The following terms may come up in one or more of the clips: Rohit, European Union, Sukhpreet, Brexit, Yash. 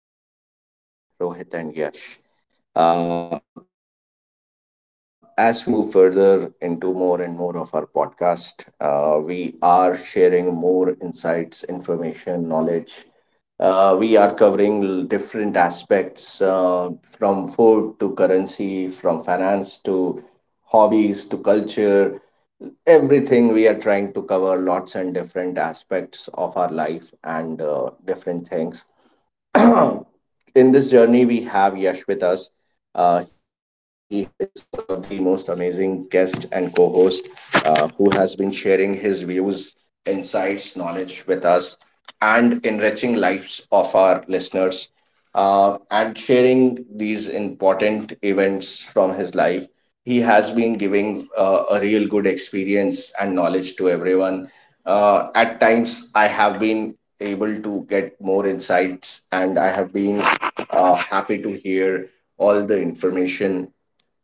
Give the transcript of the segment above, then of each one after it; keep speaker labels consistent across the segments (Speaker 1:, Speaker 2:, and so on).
Speaker 1: Good evening, friends. Welcome to another podcast with Rohit and Yash. As we move further into more and more of our podcast, we are sharing more insights, information, knowledge. We are covering different aspects from food to currency, from finance to hobbies to culture, everything we are trying to cover lots and different aspects of our life and different things in this journey, we have Yash with us. He is one of the most amazing guest and co-host who has been sharing his views, insights, knowledge with us, and enriching lives of our listeners. And sharing these important events from his life, he has been giving a real good experience and knowledge to everyone. At times, I have been able to get more insights and I have been happy to hear all the information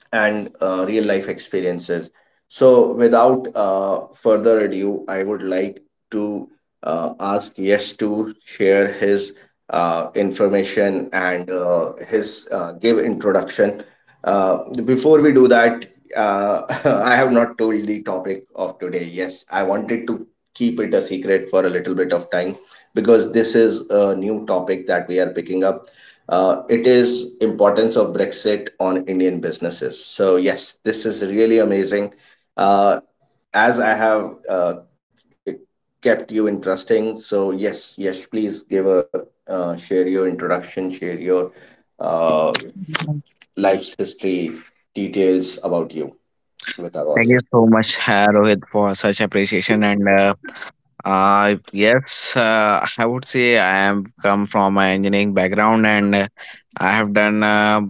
Speaker 1: and real life experiences. So, without further ado, I would like to ask Yes to share his information and his give introduction. Uh, before we do that, uh, I have not told the topic of today. Yes, I wanted to keep it a secret for a little bit of time because this is a new topic that we are picking up. It is importance of Brexit on Indian businesses. So yes, this is really amazing. Uh, as i have kept you interesting, so yes, yes, please give a share your introduction, share your uh,
Speaker 2: Thank
Speaker 1: life's history, details about you with our audience.
Speaker 2: you so much, Rohit, for such appreciation. I would say I am come from an engineering background, and I have done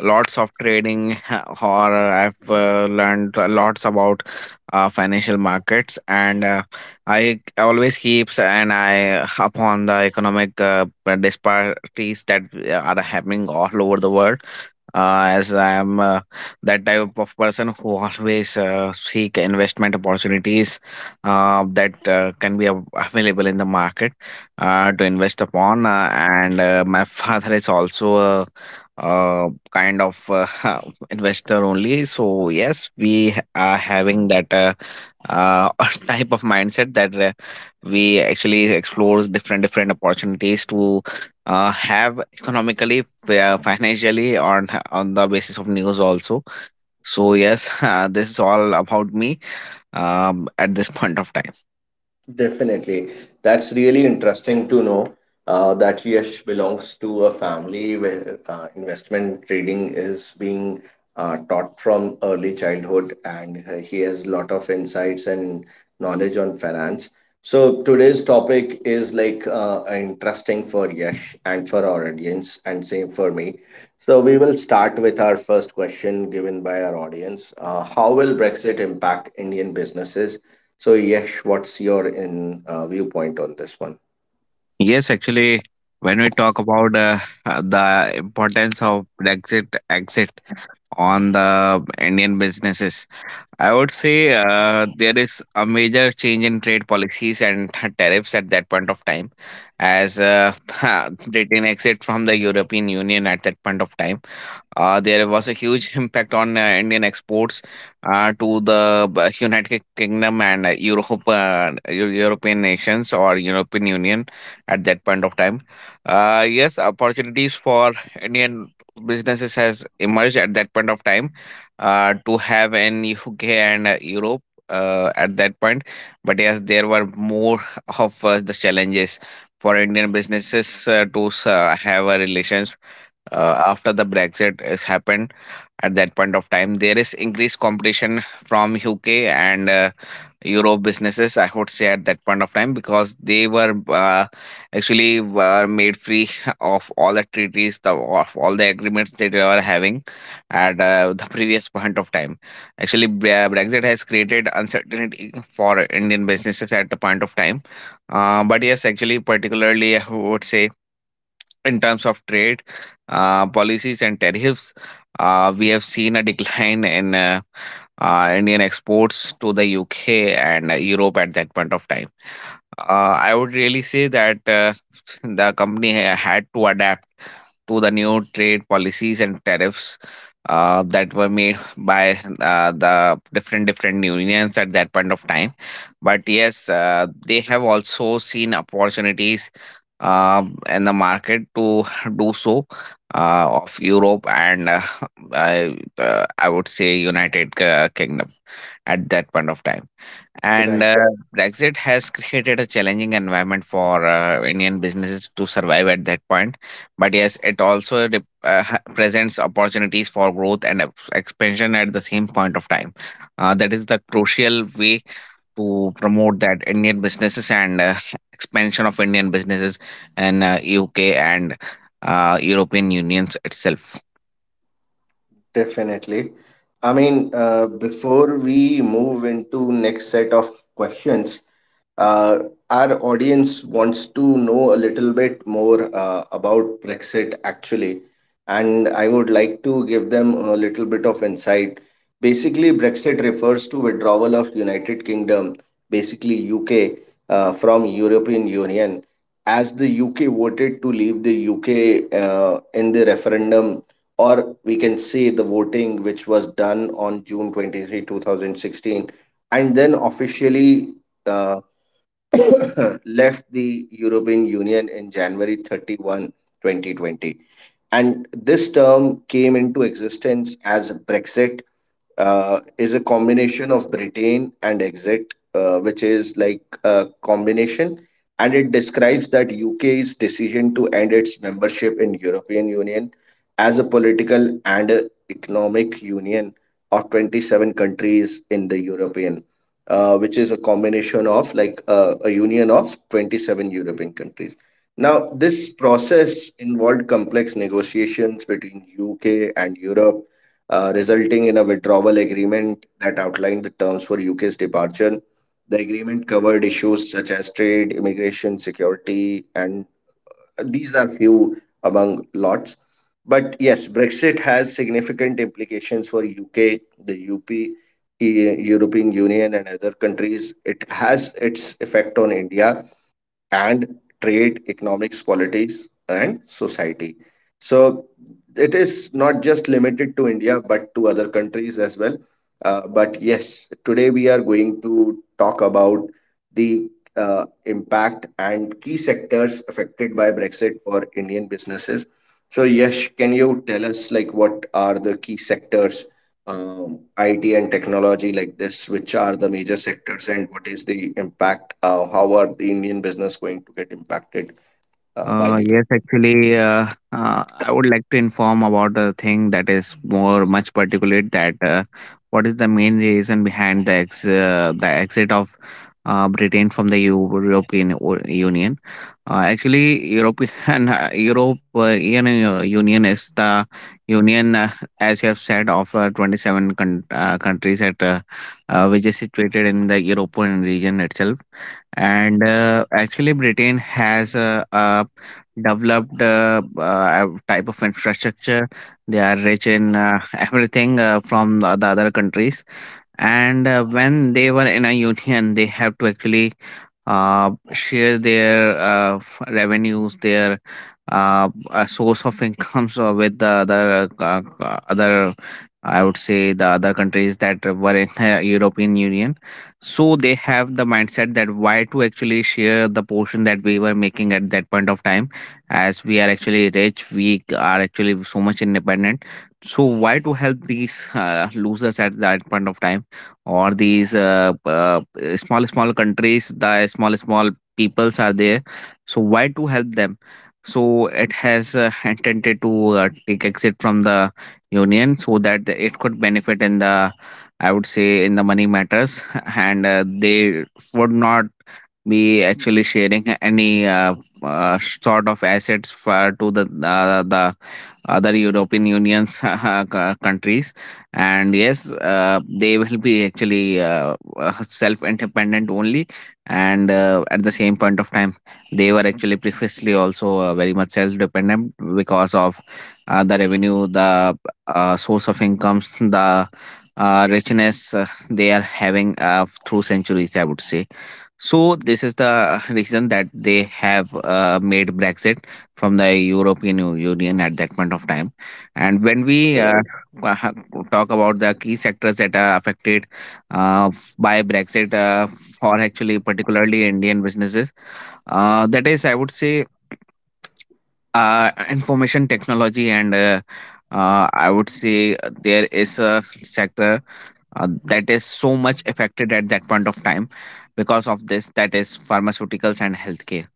Speaker 2: lots of trading, or I've learned lots about financial markets. And I always keeps an eye upon the economic disparities that are happening all over the world, as I am that type of person who always seek investment opportunities that can be available in the market to invest upon. And My father is also a, kind of investor only. So, yes, we are having that uh, type of mindset that we actually explore different different opportunities to have economically financially on the basis of news also. So yes, this is all about me at this point of time.
Speaker 1: Definitely. That's really interesting to know that Yash belongs to a family where investment trading is being taught from early childhood and he has a lot of insights and knowledge on finance. So today's topic is like interesting for Yash and for our audience and same for me. So we will start with our first question given by our audience. How will Brexit impact Indian businesses? So, Yash, what's your in viewpoint on this one?
Speaker 2: Yes, actually, when we talk about the importance of Brexit exit on the Indian businesses, I would say there is a major change in trade policies and tariffs at that point of time, as Britain exit from the European Union at that point of time. There was a huge impact on Indian exports to the United Kingdom and Europe, European nations or European Union at that point of time. Yes, opportunities for Indian businesses has emerged at that point of time to have in UK and Europe at that point. But yes, there were more of the challenges for Indian businesses to have a relations after the brexit has happened at that point of time. There is increased competition from uk and europe businesses, I would say, at that point of time, because they were actually were made free of all the treaties, the, of all the agreements that they were having at the previous point of time. Actually brexit has created uncertainty for indian businesses at the point of time, but yes, actually, particularly, I would say, in terms of trade policies and tariffs, we have seen a decline in Indian exports to the UK and Europe at that point of time. I would really say that the company had to adapt to the new trade policies and tariffs that were made by the different different unions at that point of time. But yes, they have also seen opportunities uh, in the market to do so of Europe and I would say United Kingdom at that point of time. And
Speaker 1: Right.
Speaker 2: Brexit has created a challenging environment for Indian businesses to survive at that point. But yes, it also presents opportunities for growth and expansion at the same point of time. That is the crucial way to promote that Indian businesses and expansion of Indian businesses in UK and European Unions itself.
Speaker 1: Definitely. I mean, before we move into next set of questions, uh, our audience wants to know a little bit more about Brexit actually, and I would like to give them a little bit of insight. Basically, Brexit refers to withdrawal of United Kingdom, basically UK, from European Union. As the UK voted to leave the UK in the referendum, or we can say the voting, which was done on June 23, 2016, and then officially uh, left the European Union in January 31, 2020. And this term came into existence as Brexit is a combination of Britain and exit, which is like a combination, and it describes that UK's decision to end its membership in European Union as a political and a economic union of 27 countries in the European, which is a combination of like a union of 27 European countries. Now, this process involved complex negotiations between UK and Europe, resulting in a withdrawal agreement that outlined the terms for UK's departure. The agreement covered issues such as trade, immigration, security, and these are few among lots. But yes, Brexit has significant implications for UK, the UP, European Union, and other countries. It has its effect on India and trade, economics, politics, and society. So it is not just limited to India, but to other countries as well. But yes, today we are going to talk about the impact and key sectors affected by Brexit for Indian businesses. So Yash, can you tell us like what are the key sectors, IT and technology like this, which are the major sectors, and what is the impact? How are the Indian business going to get impacted by
Speaker 2: Uh,
Speaker 1: the
Speaker 2: yes,
Speaker 1: budget?
Speaker 2: actually, uh, I would like to inform about a thing that is more much particular, that what is the main reason behind the ex the exit of Britain from the European Union. Actually, European European Union is the union, as you have said, of 27 countries at which is situated in the European region itself. And actually britain has a developed type of infrastructure. They are rich in everything, from the other countries. And when they were in a union, they have to actually share their revenues, their source of incomes with the other other. I would say the other countries that were in the European Union, so they have the mindset that why to actually share the portion that we were making at that point of time, as we are actually rich, we are actually so much independent. So why to help these losers at that point of time, or these small small countries, the small small peoples are there. So why to help them? So it has intended to take exit from the union so that it could benefit in the, I would say, in the money matters, and they would not be actually sharing any sort of assets for to the other European Union's countries, and yes, they will be actually self-independent only, and at the same point of time, they were actually previously also very much self-dependent because of the revenue, the source of incomes, the richness they are having through centuries, I would say. So this is the reason that they have made Brexit from the European Union at that point of time. And when
Speaker 1: Right.
Speaker 2: we ha- talk about the key sectors that are affected by Brexit, for actually particularly Indian businesses, that is, I would say, information technology, and I would say there is a sector that is so much affected at that point of time because of this, that is pharmaceuticals and healthcare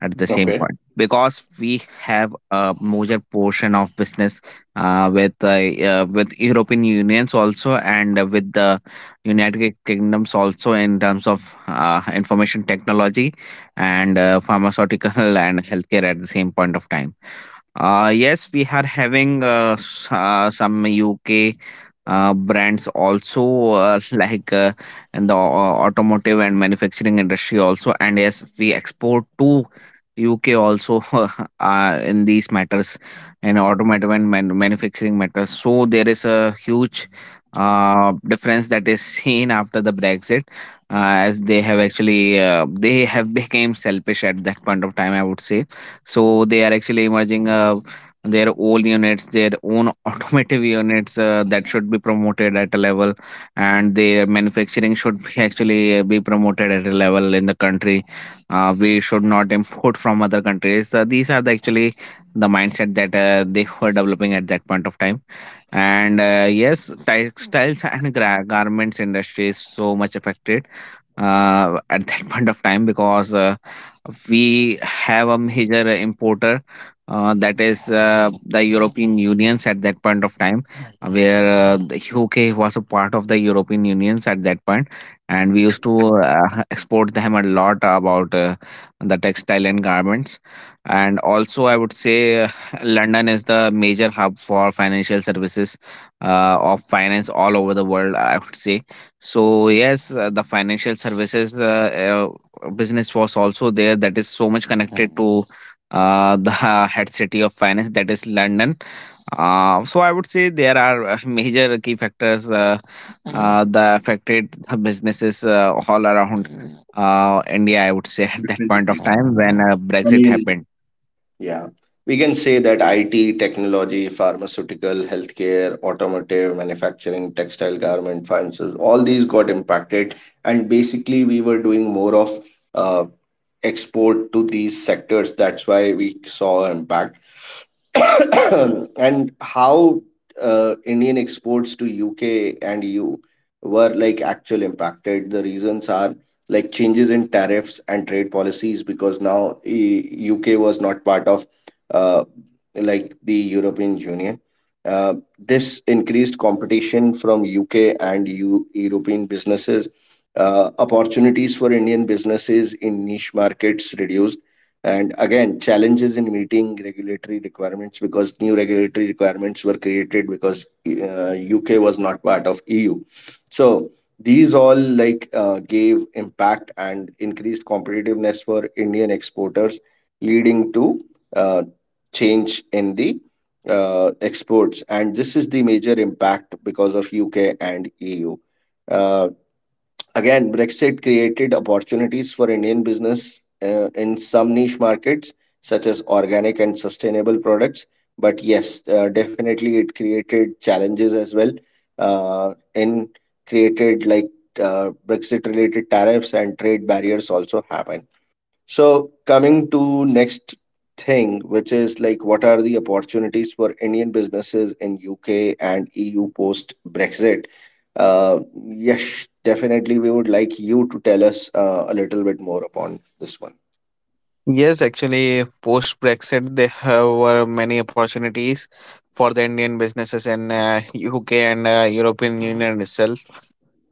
Speaker 2: at the
Speaker 1: Okay.
Speaker 2: same point, because we have a major portion of business uh, with uh, with european unions also, and with the united kingdoms also, in terms of information technology and pharmaceutical and healthcare at the same point of time. Yes, we are having some UK brands also, like in the automotive and manufacturing industry also, and yes, we export to UK also, in these matters and automotive and manufacturing matters. So there is a huge difference that is seen after the Brexit, as they have actually, they have become selfish at that point of time, I would say. So they are actually emerging their own units, their own automotive units that should be promoted at a level, and their manufacturing should be actually be promoted at a level in the country. We should not import from other countries. These are the, actually the mindset that they were developing at that point of time. And yes, textiles and garments industry is so much affected at that point of time, because we have a major importer that is the European Unions at that point of time, where the UK was a part of the European Unions at that point, and we used to export them a lot about the textile and garments, and also I would say London is the major hub for financial services of finance all over the world, I would say. So yes, the financial services business was also there that is so much connected to the head city of finance, that is London. So I would say there are major key factors that affected the businesses all around India, I would say, at that point of
Speaker 1: Definitely.
Speaker 2: time when
Speaker 1: I
Speaker 2: Brexit
Speaker 1: mean,
Speaker 2: happened.
Speaker 1: yeah, we can say that IT, technology, pharmaceutical, healthcare, automotive, manufacturing, textile, garment, finances, all these got impacted, and basically we were doing more of. Uh, export to these sectors. That's why we saw an impact. And how Indian exports to UK and EU were like actual impacted. The reasons are like changes in tariffs and trade policies because now UK was not part of uh, like the European Union. This increased competition from UK and EU European businesses, opportunities for Indian businesses in niche markets reduced, and again, challenges in meeting regulatory requirements because new regulatory requirements were created because UK was not part of EU. So these all like gave impact and increased competitiveness for Indian exporters, leading to uh, change in the exports. And this is the major impact because of UK and EU uh. Again, Brexit created opportunities for Indian business in some niche markets, such as organic and sustainable products. But yes, definitely it created challenges as well. In created like Brexit related tariffs and trade barriers also happen. So coming to next thing, which is like what are the opportunities for Indian businesses in UK and EU post Brexit? Yes, definitely. We would like you to tell us a little bit more upon this one.
Speaker 2: Yes, actually, post Brexit, there have were many opportunities for the Indian businesses in UK and European Union itself.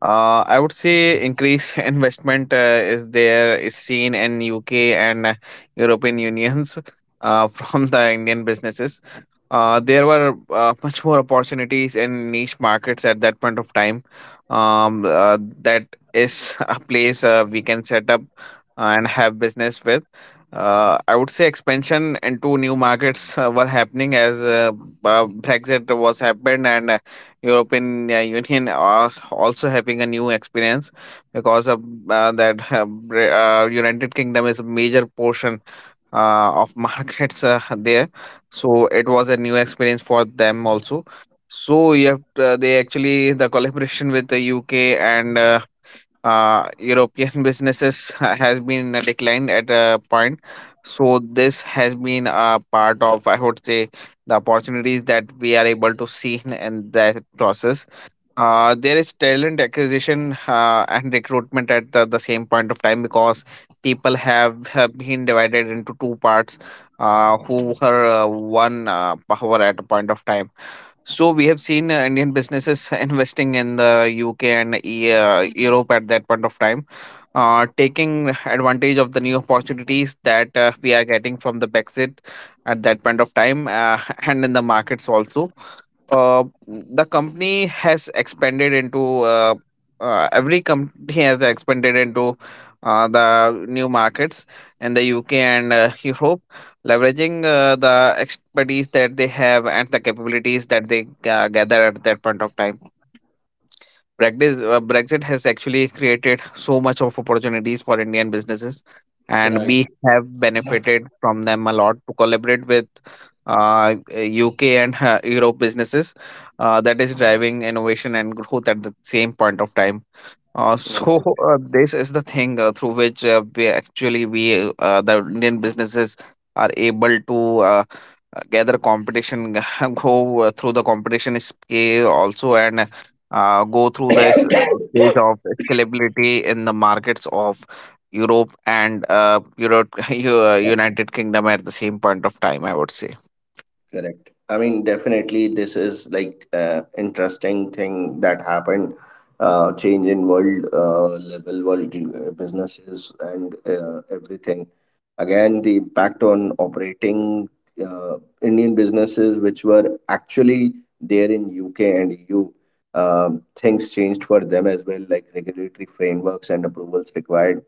Speaker 2: I would say increased investment is there is seen in UK and European unions, from the Indian businesses. There were much more opportunities in niche markets at that point of time. That is a place we can set up and have business with. I would say expansion into new markets were happening as Brexit was happened, and European Union are also having a new experience because of that United Kingdom is a major portion of markets there, so it was a new experience for them also. So you have they actually the collaboration with the UK and European businesses has been declined at a point. So this has been a part of, I would say, the opportunities that we are able to see in that process. There is talent acquisition and recruitment at the same point of time because people have been divided into two parts, who were one power at a point of time. So we have seen Indian businesses investing in the UK and Europe at that point of time, taking advantage of the new opportunities that we are getting from the Brexit at that point of time, and in the markets also the company has expanded into every company has expanded into the new markets in the UK and Europe, leveraging the expertise that they have and the capabilities that they gather at that point of time. Brexit has actually created so much of opportunities for Indian businesses, and
Speaker 1: Right.
Speaker 2: we have benefited from them a lot to collaborate with UK and Europe businesses. That is driving innovation and growth at the same point of time. So This is the thing through which we actually we the Indian businesses are able to uh, gather competition, go through the competition scale also, and go through this stage of scalability in the markets of Europe, United Kingdom at the same point of time, I would say.
Speaker 1: Correct. I mean, definitely, this is like interesting thing that happened, change in world level, world businesses and everything. Again, the impact on operating uh, Indian businesses, which were actually there in UK and EU, things changed for them as well, like regulatory frameworks and approvals required.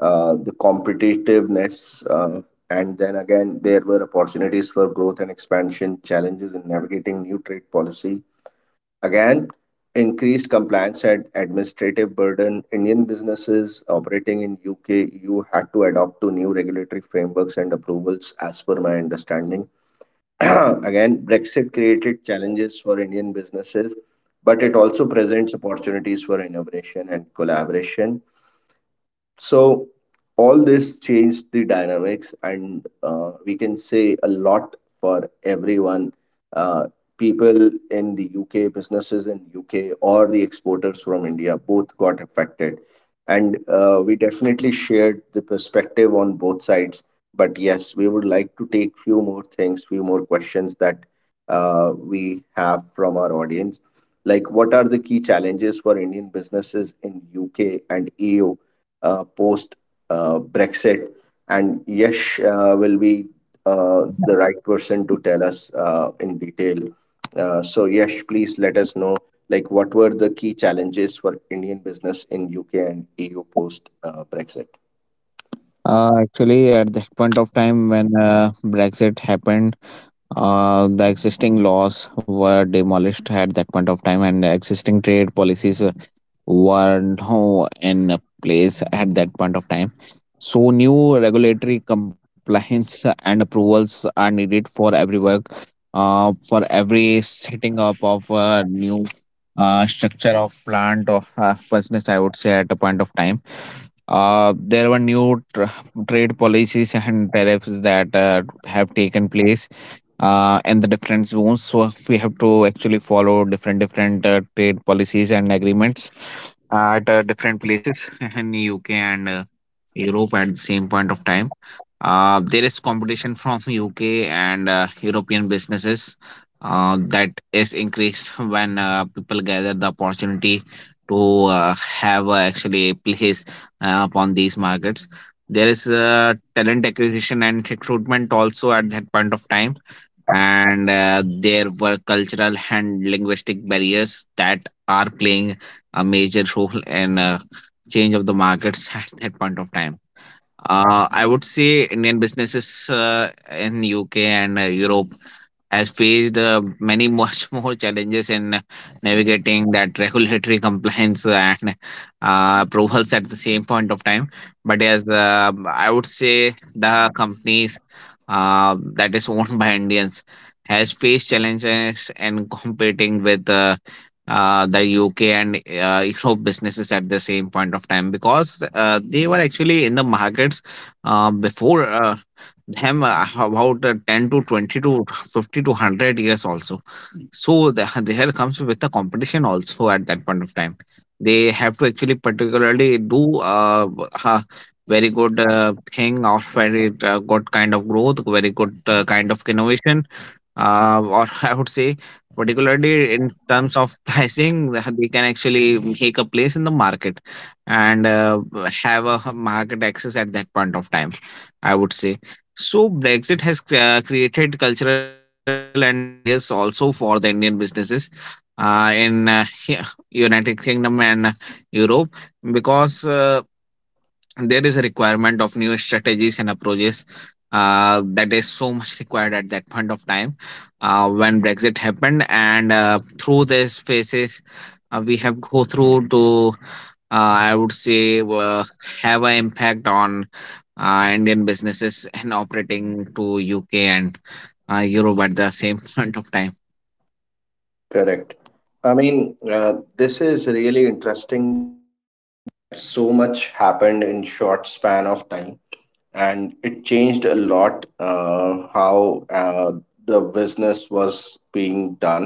Speaker 1: The competitiveness and then again, there were opportunities for growth and expansion, challenges in navigating new trade policy. Again, increased compliance and administrative burden. Indian businesses operating in UK, EU had to adopt to new regulatory frameworks and approvals, as per my understanding. Again, Brexit created challenges for Indian businesses, but it also presents opportunities for innovation and collaboration, so all this changed the dynamics, and we can say a lot for everyone. Uh, people in the UK, businesses in UK, or the exporters from India, both got affected, and we definitely shared the perspective on both sides. But yes, we would like to take few more things, few more questions that we have from our audience. Like, what are the key challenges for Indian businesses in UK and EU post Brexit? And Yash will be the right person to tell us in detail. So, Yash, please let us know like what were the key challenges for Indian business in UK and EU post Brexit?
Speaker 2: Actually, at that point of time when Brexit happened, the existing laws were demolished at that point of time, and existing trade policies were now in place at that point of time. So new regulatory compliance and approvals are needed for every work, for every setting up of a new structure of plant or business, I would say, at a point of time. There were new tr Trade policies and tariffs that have taken place in the different zones. So we have to actually follow different trade policies and agreements at different places in UK and Europe at the same point of time. There is competition from UK and European businesses that is increased when people gather the opportunity to have actually a place upon these markets. There is talent acquisition and recruitment also at that point of time, and there were cultural and linguistic barriers that are playing a major role in change of the markets at that point of time. I would say Indian businesses in UK and Europe has faced many much more challenges in navigating that regulatory compliance and approvals at the same point of time. But as I would say, the companies that is owned by Indians has faced challenges in competing with the UK and Europe businesses at the same point of time because they were actually in the markets before them about 10 to 20 to 50 to 100 years also. So the, there comes with the competition also at that point of time. They have to actually particularly do uh, very good thing or very good kind of growth, very good kind of innovation, or I would say, particularly in terms of pricing, they can actually make a place in the market and have a market access at that point of time, I would say. So Brexit has created cultural and linguistic barriers also for the Indian businesses in United Kingdom and Europe because there is a requirement of new strategies and approaches that is so much required at that point of time when brexit happened, and through these phases we have go through to I would say, have an impact on indian businesses and operating to UK and europe at the same point of time.
Speaker 1: Correct. I mean, this is really interesting. So much happened in short span of time, and it changed a lot how the business was being done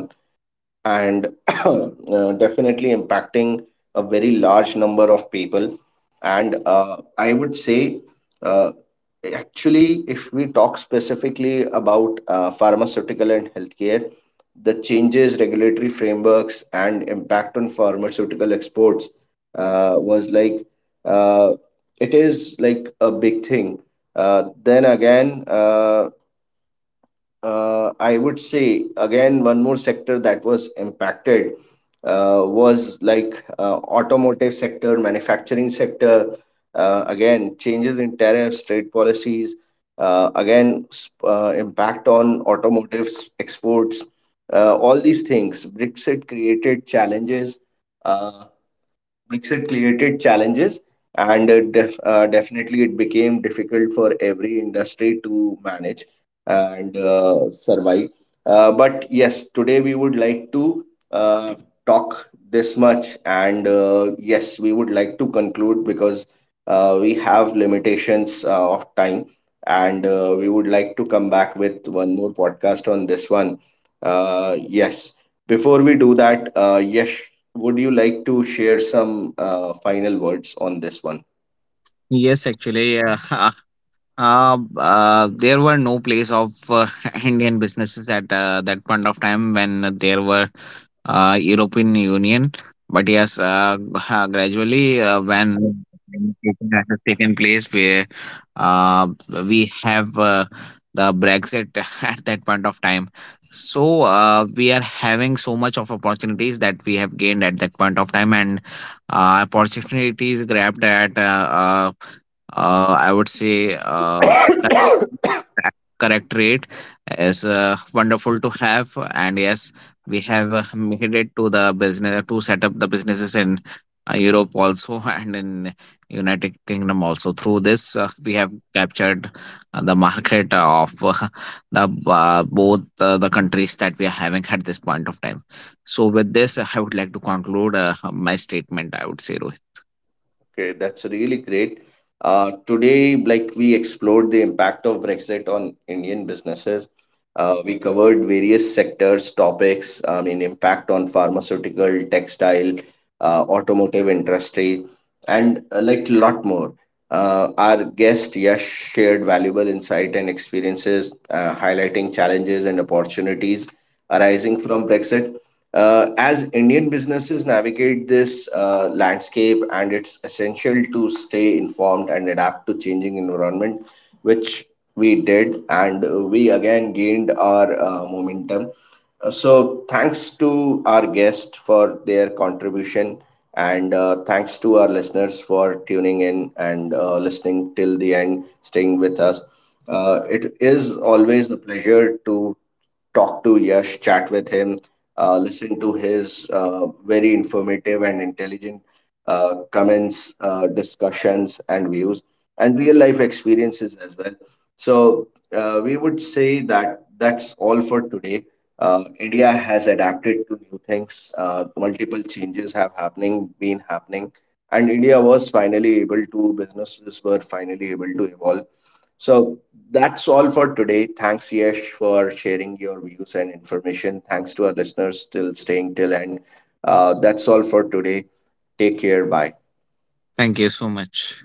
Speaker 1: and definitely impacting a very large number of people. And I would say, uh, actually, if we talk specifically about pharmaceutical and healthcare, the changes, regulatory frameworks, and impact on pharmaceutical exports was like uh, it is like a big thing. Then again, I would say again one more sector that was impacted was like automotive sector, manufacturing sector. Again, changes in tariffs, trade policies. Again, impact on automotive exports. All these things. Brexit created challenges. Uh, Brexit created challenges, and definitely it became difficult for every industry to manage and survive. But yes, today we would like to uh, talk this much, and yes, we would like to conclude because we have limitations of time, and we would like to come back with one more podcast on this one. Yes. Before we do that, Yash, would you like to share some final words on this one?
Speaker 2: Yes, actually, there were no place of Indian businesses at that point of time when there were European Union. But yes, gradually when that has taken place, where uh, we have the Brexit at that point of time. So we are having so much of opportunities that we have gained at that point of time, and opportunities grabbed at I would say, correct rate is wonderful to have. And yes, we have made it to the business to set up the businesses in Europe also and in United Kingdom also. Through this, we have captured the market of the both the countries that we are having at this point of time. So with this, I would like to conclude my statement, I would say, Rohit.
Speaker 1: Okay, that's really great. Today, like we explored the impact of Brexit on Indian businesses. We covered various sectors, topics, I mean, impact on pharmaceutical, textile, automotive industry, and like lot more. Our guest Yash shared valuable insight and experiences, highlighting challenges and opportunities arising from Brexit. As Indian businesses navigate this landscape, and it's essential to stay informed and adapt to changing environment, which we did, and we again gained our momentum. So, thanks to our guest for their contribution, and thanks to our listeners for tuning in and listening till the end, staying with us. It is always a pleasure to talk to Yash, chat with him, listen to his very informative and intelligent comments, discussions, and views, and real life experiences as well. So, we would say that that's all for today. India has adapted to new things. Multiple changes have happening, been happening, and India was finally able to businesses were finally able to evolve, so that's all for today. Thanks, Yesh, for sharing your views and information. Thanks to our listeners still staying till end. That's all for today. Take care. Bye.
Speaker 2: Thank you so much.